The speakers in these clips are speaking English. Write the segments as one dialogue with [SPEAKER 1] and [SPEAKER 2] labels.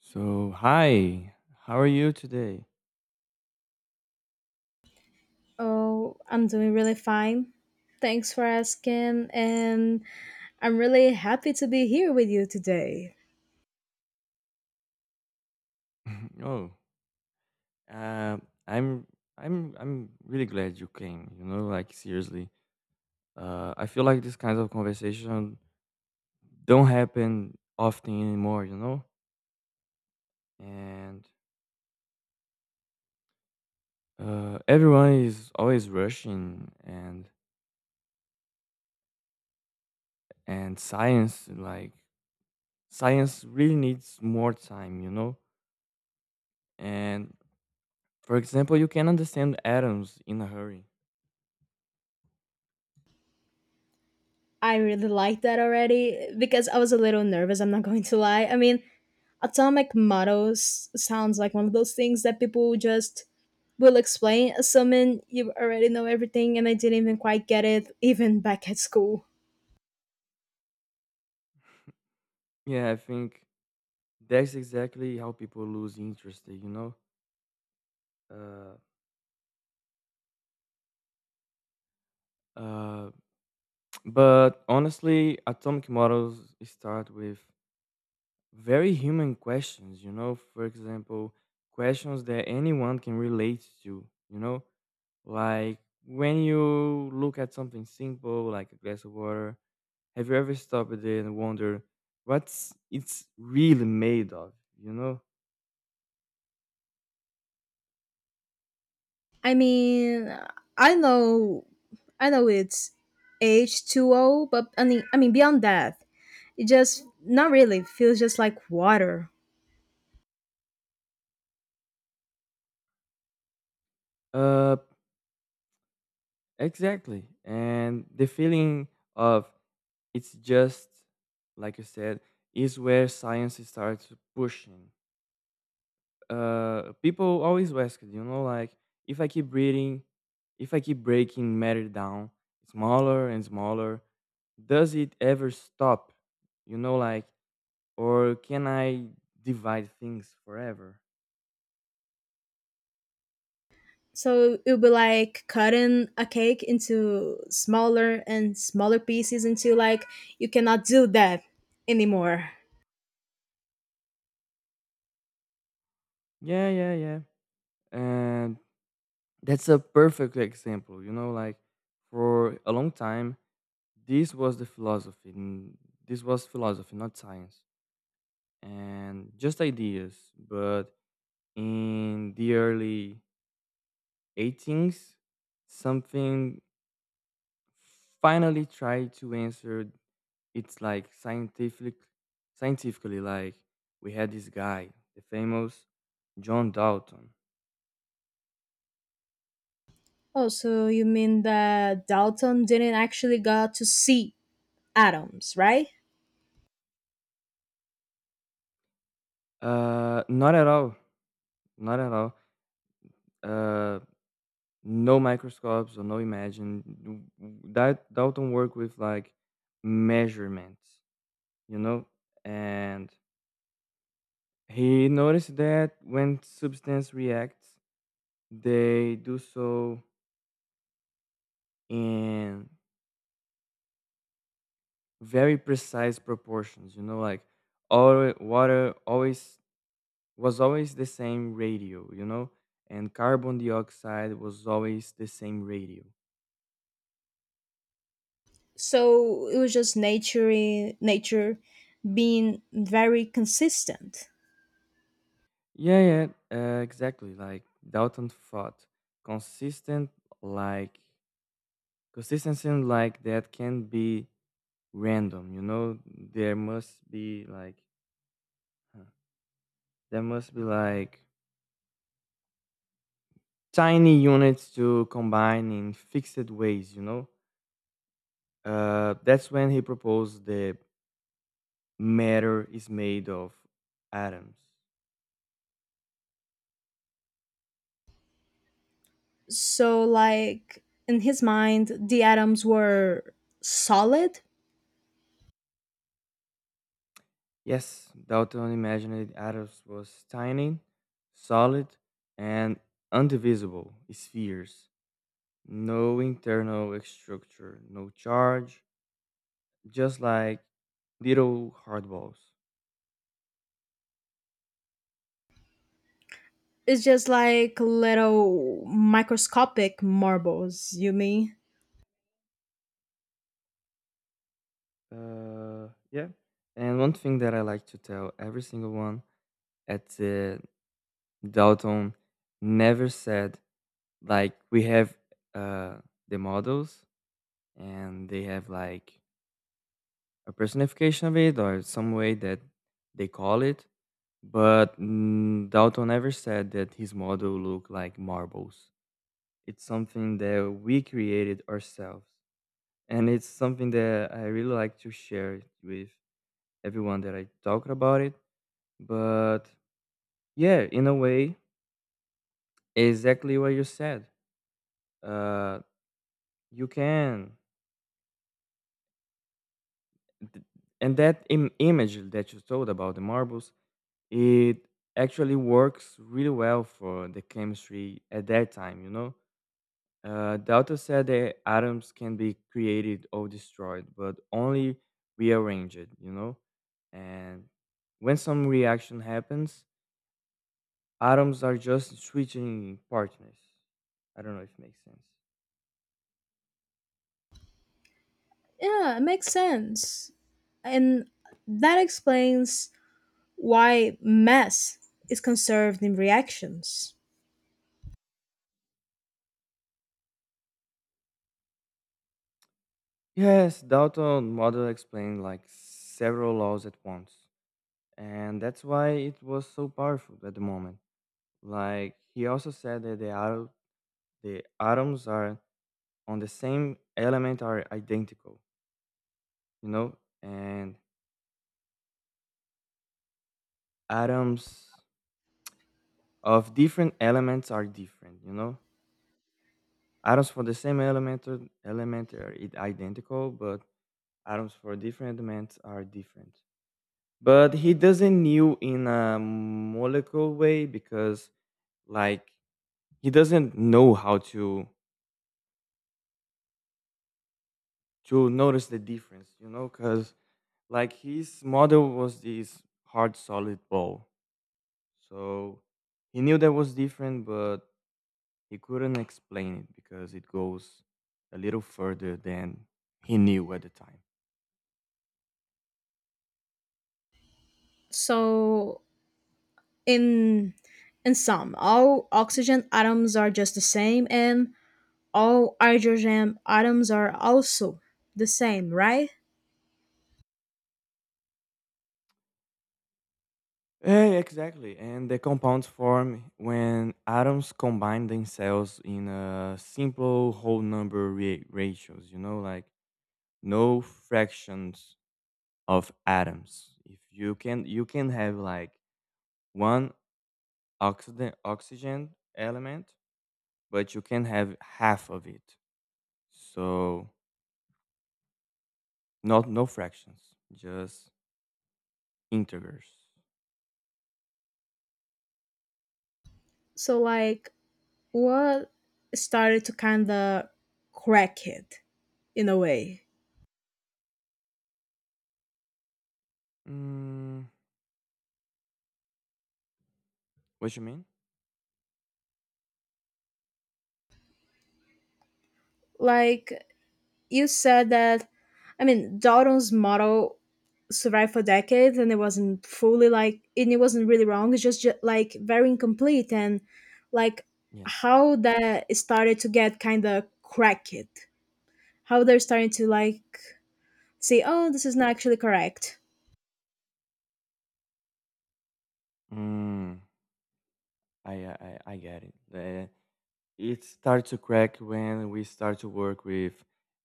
[SPEAKER 1] So, hi. How are you today?
[SPEAKER 2] Oh, I'm doing really fine. Thanks for asking, and I'm really happy to be here with you today.
[SPEAKER 1] Oh, uh, I'm I'm really glad you came, you know, like seriously. I feel like this kinds of conversation don't happen often anymore, you know? And everyone is always rushing, and and science like science really needs more time, you know? And for example, you can understand atoms in a hurry.
[SPEAKER 2] I really like that already because I was a little nervous, I'm not going to lie. I mean, atomic models sounds like one of those things that people just will explain, assuming you already know everything, and I didn't even quite get it, even back at school.
[SPEAKER 1] Yeah, I think that's exactly how people lose interest, you know? Uh, uh, but honestly, atomic models start with very human questions, you know? For example, questions that anyone can relate to, you know? Like when you look at something simple like a glass of water, have you ever stopped there and wonder what's it's really made of, you know?
[SPEAKER 2] I mean, I know, I know it's H two O, but I mean beyond that, it just not really It feels just like water.
[SPEAKER 1] Uh, exactly. And the feeling of, it's just, like you said, is where science starts pushing. People always ask, you know, like if I keep breathing, if I keep breaking matter down smaller and smaller, does it ever stop? You know, like, or can I divide things forever?
[SPEAKER 2] So it would be like cutting a cake into smaller and smaller pieces until like you cannot do that anymore.
[SPEAKER 1] Yeah, yeah, yeah. And that's a perfect example, you know, like for a long time, this was the philosophy. This was philosophy, not science. And just ideas. But in the early 18s, something finally tried to answer it's like scientifically, like, we had this guy, the famous John Dalton.
[SPEAKER 2] Oh, so you mean that Dalton didn't actually got to see atoms, right?
[SPEAKER 1] Not at all. Not at all. uh no microscopes or no imagine. That Dalton work with like measurements, you know, and he noticed that when substance reacts, they do so in very precise proportions. You know, like all water always was always the same radio. You know, and carbon dioxide was always the same radio.
[SPEAKER 2] So it was just nature being very consistent.
[SPEAKER 1] Yeah, yeah, exactly. Like Dalton thought, consistent, like consistency, like that can be random. You know, there must be like huh. There must be like tiny units to combine in fixed ways, you know? That's when he proposed the matter is made of atoms.
[SPEAKER 2] So, like, in his mind, the atoms were solid?
[SPEAKER 1] Yes, Dalton imagined atoms was tiny, solid, and indivisible spheres. No internal structure, no charge, just like little hard balls.
[SPEAKER 2] It's just like little microscopic marbles, you mean?
[SPEAKER 1] Yeah. And one thing that I like to tell every single one at, Dalton never said like we have, uh, the models, and they have like a personification of it or some way that they call it, but Dalton never said that his model looked like marbles. It's something that we created ourselves, and it's something that I really like to share it with everyone that I talk about it. But yeah, in a way, exactly what you said. Uh, You can. Th- And that image that you told about the marbles, it actually works really well for the chemistry at that time, you know? The author said that atoms can be created or destroyed, but only rearranged, you know? And when some reaction happens, atoms are just switching partners. I don't know if it makes sense.
[SPEAKER 2] Yeah, it makes sense. And that explains why mass is conserved in reactions.
[SPEAKER 1] Yes, Dalton model explained like several laws at once. And that's why it was so powerful at the moment. Like he also said that the atoms are on the same element are identical, you know, and atoms of different elements are different, you know. Atoms for the same element are identical, but atoms for different elements are different. But he doesn't knew in a molecular way because like he doesn't know how to notice the difference, you know, because like his model was this hard solid ball. So he knew that was different, but he couldn't explain it because it goes a little further than he knew at the time.
[SPEAKER 2] So, in in sum, all oxygen atoms are just the same and all hydrogen atoms are also the same, right?
[SPEAKER 1] Yeah, exactly. And the compounds form when atoms combine themselves in a simple whole number ratios, you know, like no fractions of atoms. If you can have like one oxygen element, but you can have half of it. So not, no fractions, just integers.
[SPEAKER 2] So like what started to kind of crack it in a way?
[SPEAKER 1] Mm, what you mean?
[SPEAKER 2] Like you said that, I mean, Dalton's model survived for decades and it wasn't fully like, and it wasn't really wrong. It's just like very incomplete and like
[SPEAKER 1] Yes.
[SPEAKER 2] how that started to get kind of crack it. How they're starting to like say, oh, this is not actually correct.
[SPEAKER 1] Mm, I get it. It starts to crack when we start to work with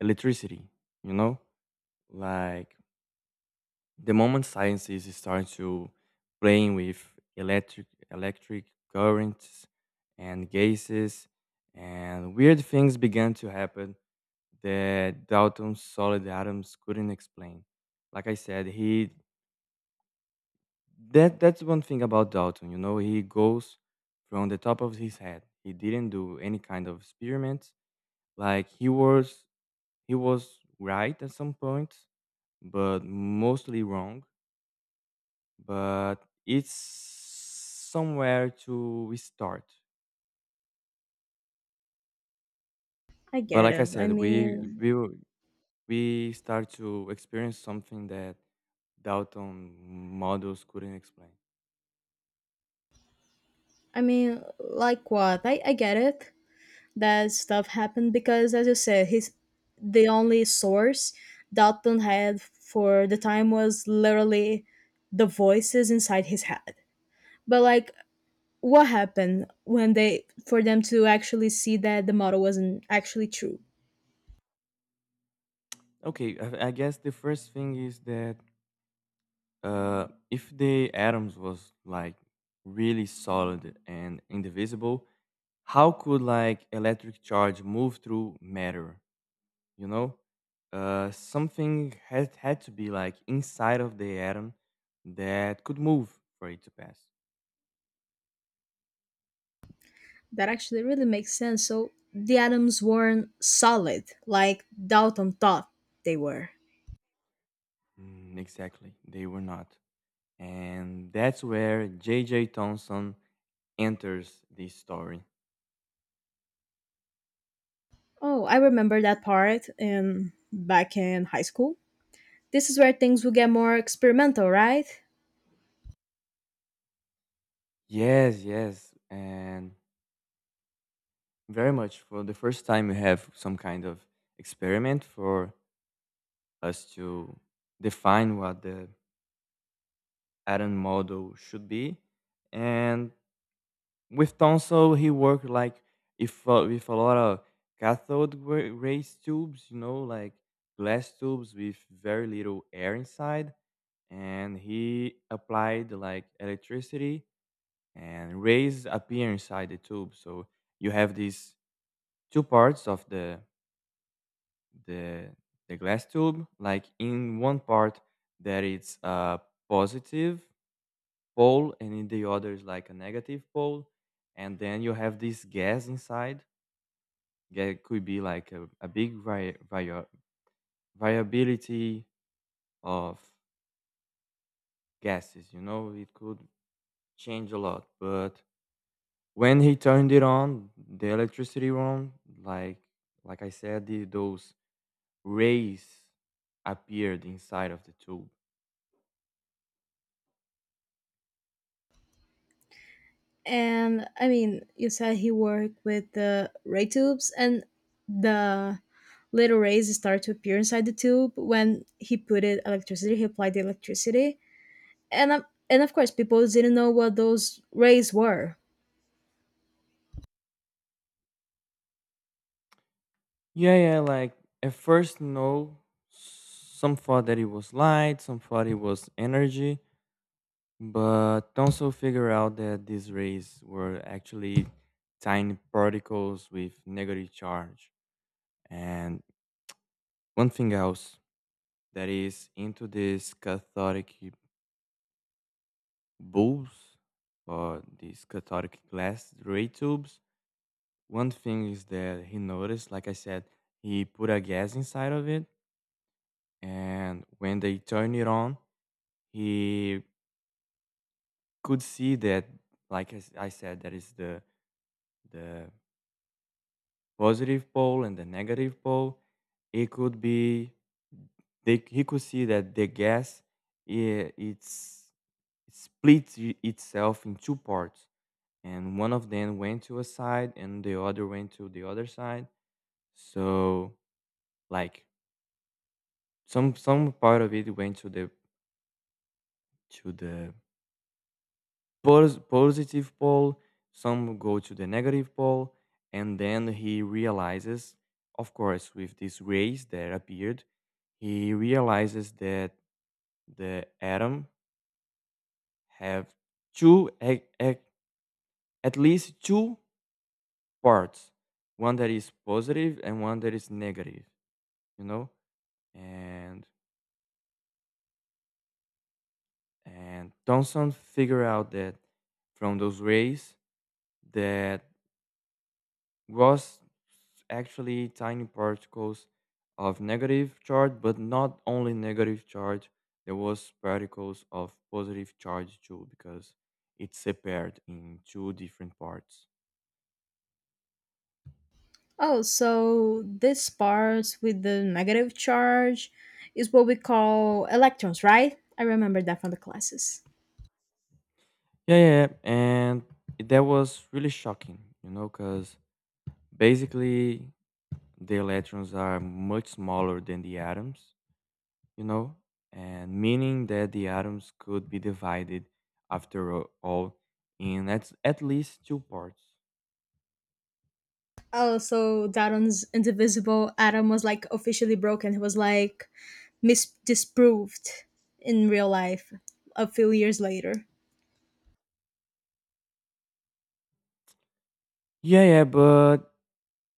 [SPEAKER 1] electricity. You know, like the moment science is starting to playing with electric currents and gases, and weird things began to happen that Dalton's solid atoms couldn't explain. Like I said, he that that's one thing about Dalton, you know, he goes from the top of his head. He didn't do any kind of experiments. Like he was right at some point, but mostly wrong, but it's somewhere to we start.
[SPEAKER 2] I
[SPEAKER 1] But
[SPEAKER 2] get
[SPEAKER 1] like I
[SPEAKER 2] it.
[SPEAKER 1] said, we we will- we start to experience something that Dalton models couldn't explain.
[SPEAKER 2] Like what? I get it. That stuff happened because, as you said, his the only source Dalton had for the time was literally the voices inside his head, but like what happened when they, for them to actually see that the model wasn't actually true?
[SPEAKER 1] Okay, I guess the first thing is that, if the atoms was like really solid and indivisible, how could like electric charge move through matter? You know, something had to be like inside of the atom that could move for it to pass.
[SPEAKER 2] That actually really makes sense, so the atoms weren't solid like Dalton thought they were.
[SPEAKER 1] Mm, exactly, they were not, and that's where JJ Thompson enters this story.
[SPEAKER 2] Oh, I remember that part in back in high school. This is where things will get more experimental, right?
[SPEAKER 1] Yes, yes. And very much for the first time we have some kind of experiment for us to define what the atom model should be. And with Thomson, he worked like if, with a lot of cathode rays tubes, you know, like glass tubes with very little air inside, and he applied like electricity, and rays appear inside the tube. So you have these two parts of the the glass tube. Like in one part, that it's, positive pole, and in the other is like a negative pole, and then you have this gas inside. Yeah, it could be like a big variability of gases, you know. It could change a lot, but when he turned it on, the electricity on, like I said, those rays appeared inside of the tube.
[SPEAKER 2] And I mean, you said he worked with the ray tubes, and the little rays start to appear inside the tube when he put it electricity. He applied the electricity, and of course, people didn't know what those rays were.
[SPEAKER 1] Yeah, yeah, like at first, no, some thought that it was light, some thought it was energy, but also figure out that these rays were actually tiny particles with negative charge. And one thing else that is into these cathodic bulbs or these cathodic glass ray tubes, one thing is that he noticed, like I said, he put a gas inside of it, and when they turn it on, he could see that, like I s I said, that is the positive pole and the negative pole. It could be, they, he could see that the gas, it, it's it splits itself in two parts, and one of them went to a side and the other went to the other side. So like some part of it went to the positive pole, some go to the negative pole, and then he realizes, of course, with this rays that appeared, he realizes that the atom have two, a- a- at least two parts, one that is positive and one that is negative, you know, and Thomson figure out that from those rays that was actually tiny particles of negative charge, but not only negative charge. There was particles of positive charge too, because it's separated in two different parts.
[SPEAKER 2] Oh, so this part with the negative charge is what we call electrons, right? I remember that from the classes.
[SPEAKER 1] Yeah, yeah, yeah, and that was really shocking, you know, because basically the electrons are much smaller than the atoms, you know, and meaning that the atoms could be divided after all in, at least two parts.
[SPEAKER 2] Oh, so Daron's indivisible atom was like officially broken. He was like disproved in real life a few years later.
[SPEAKER 1] Yeah, yeah, but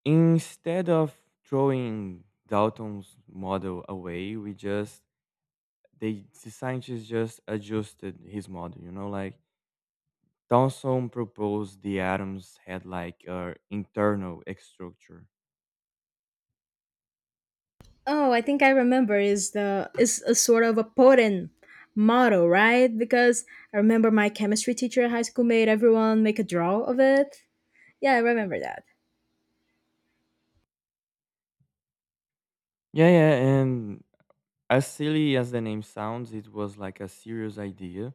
[SPEAKER 1] instead of throwing Dalton's model away, we just they the scientists just adjusted his model. You know, like Thomson proposed the atoms had like a internal structure.
[SPEAKER 2] Oh, I think I remember is the is a sort of a potent motto, right? Because I remember my chemistry teacher at high school made everyone make a draw of it. Yeah, I remember that.
[SPEAKER 1] Yeah, yeah, and as silly as the name sounds, it was like a serious idea.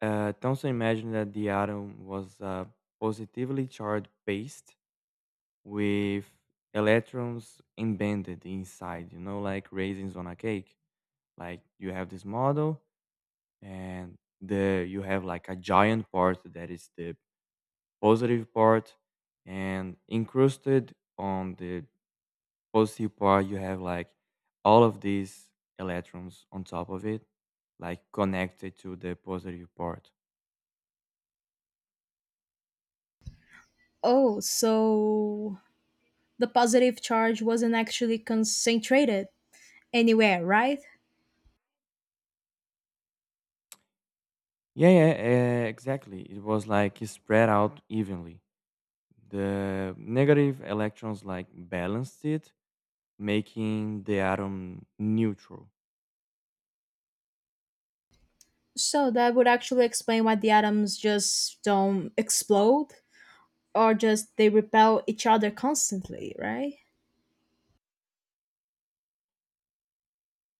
[SPEAKER 1] Thomson imagined that the atom was a positively charged paste with electrons embedded inside, you know, like raisins on a cake. Like you have this model, and the you have like a giant part that is the positive part, and incrusted on the positive part you have like all of these electrons on top of it, like connected to the positive part.
[SPEAKER 2] Oh, so the positive charge wasn't actually concentrated anywhere, right?
[SPEAKER 1] Yeah, yeah, exactly. It was like spread out evenly. The negative electrons like balanced it, making the atom neutral.
[SPEAKER 2] So that would actually explain why the atoms just don't explode or just they repel each other constantly, right?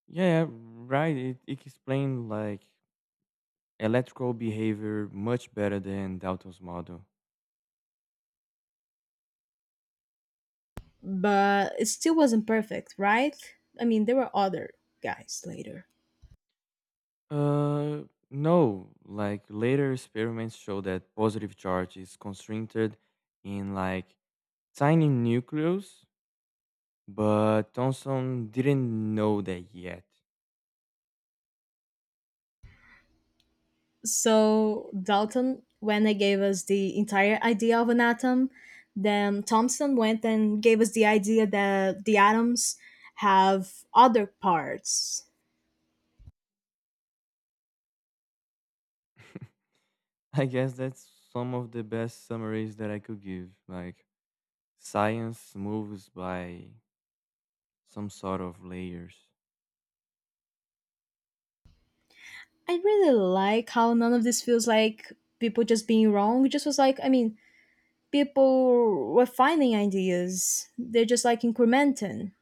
[SPEAKER 1] Yeah, right. It explained like electrical behavior much better than Dalton's model.
[SPEAKER 2] But it still wasn't perfect, right? I mean, there were other guys later.
[SPEAKER 1] Uh, no. Like later experiments show that positive charge is concentrated in like tiny nucleus, but Thomson didn't know that yet.
[SPEAKER 2] So Dalton, when they gave us the entire idea of an atom, then Thompson went and gave us the idea that the atoms have other parts.
[SPEAKER 1] I guess that's some of the best summaries that I could give. Like science moves by some sort of layers.
[SPEAKER 2] I really like how none of this feels like people just being wrong. It just was like, I mean, people were finding ideas. They're just like incrementing,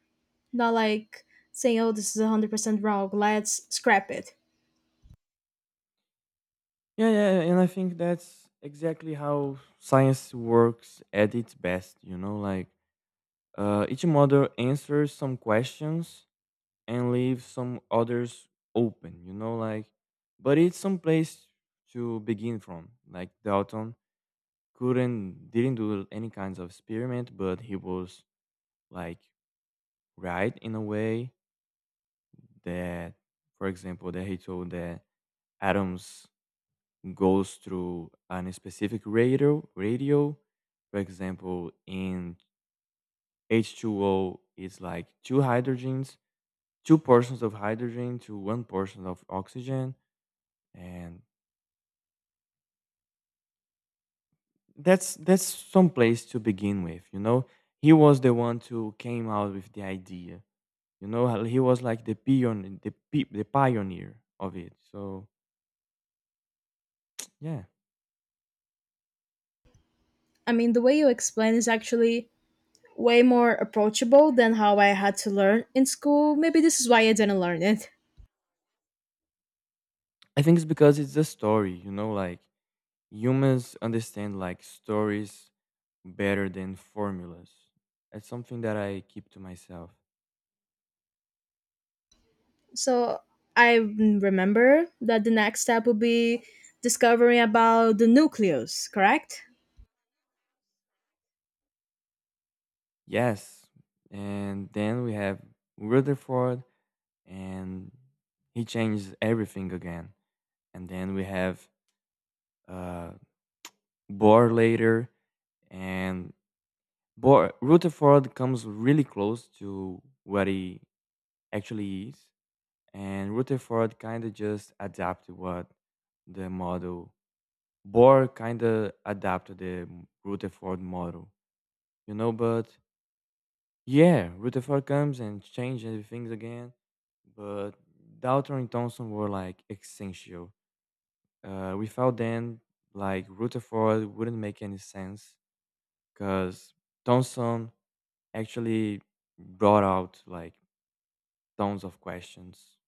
[SPEAKER 2] not like saying, oh, this is 100% wrong, let's scrap it.
[SPEAKER 1] Yeah, yeah, yeah, and I think that's exactly how science works at its best, you know, like, each model answers some questions and leaves some others open, you know, like, but it's some place to begin from. Like Dalton couldn't, didn't do any kinds of experiment, but he was like right in a way that, for example, that he told that atoms goes through a specific radio, for example, in H2O it's like two hydrogens, two portions of hydrogen to one portion of oxygen, and that's some place to begin with, you know. He was the one who came out with the idea, you know, how he was like the pioneer of it, so yeah.
[SPEAKER 2] I mean, the way you explain is actually way more approachable than how I had to learn in school. Maybe this is why I didn't learn it.
[SPEAKER 1] I think it's because it's a story, you know, like humans understand like stories better than formulas. That's something that I keep to myself.
[SPEAKER 2] So I remember that the next step would be discovering about the nucleus, correct?
[SPEAKER 1] Yes. And then we have Rutherford, and he changes everything again. And then we have, uh, Bohr later, and Rutherford comes really close to what he actually is. And Rutherford kind of just adapted what the model Bohr kind of adapted the Rutherford model, you know, but yeah, Rutherford comes and changes things again. But Dalton and Thomson were like essential. Without them, like Rutherford wouldn't make any sense, because Thomson actually brought out like tons of questions,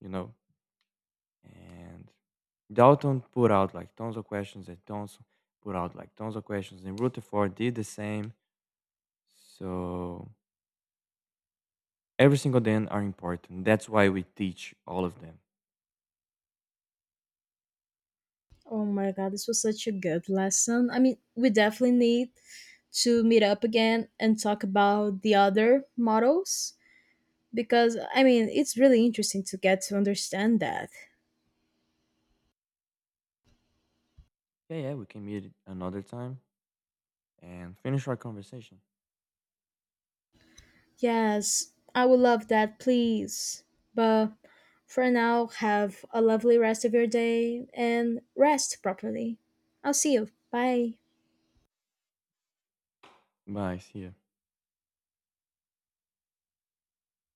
[SPEAKER 1] you know, and Dalton put out like tons of questions, and Thomson put out like tons of questions, and Rutherford did the same. So every single day are important. That's why we teach all of them.
[SPEAKER 2] Oh my god, this was such a good lesson. I mean, we definitely need to meet up again and talk about the other models because I mean, it's really interesting to get to understand that.
[SPEAKER 1] Yeah, yeah, we can meet another time and finish our conversation.
[SPEAKER 2] Yes, I would love that, please. But for now, have a lovely rest of your day and rest properly. I'll see you. Bye.
[SPEAKER 1] Bye, see you.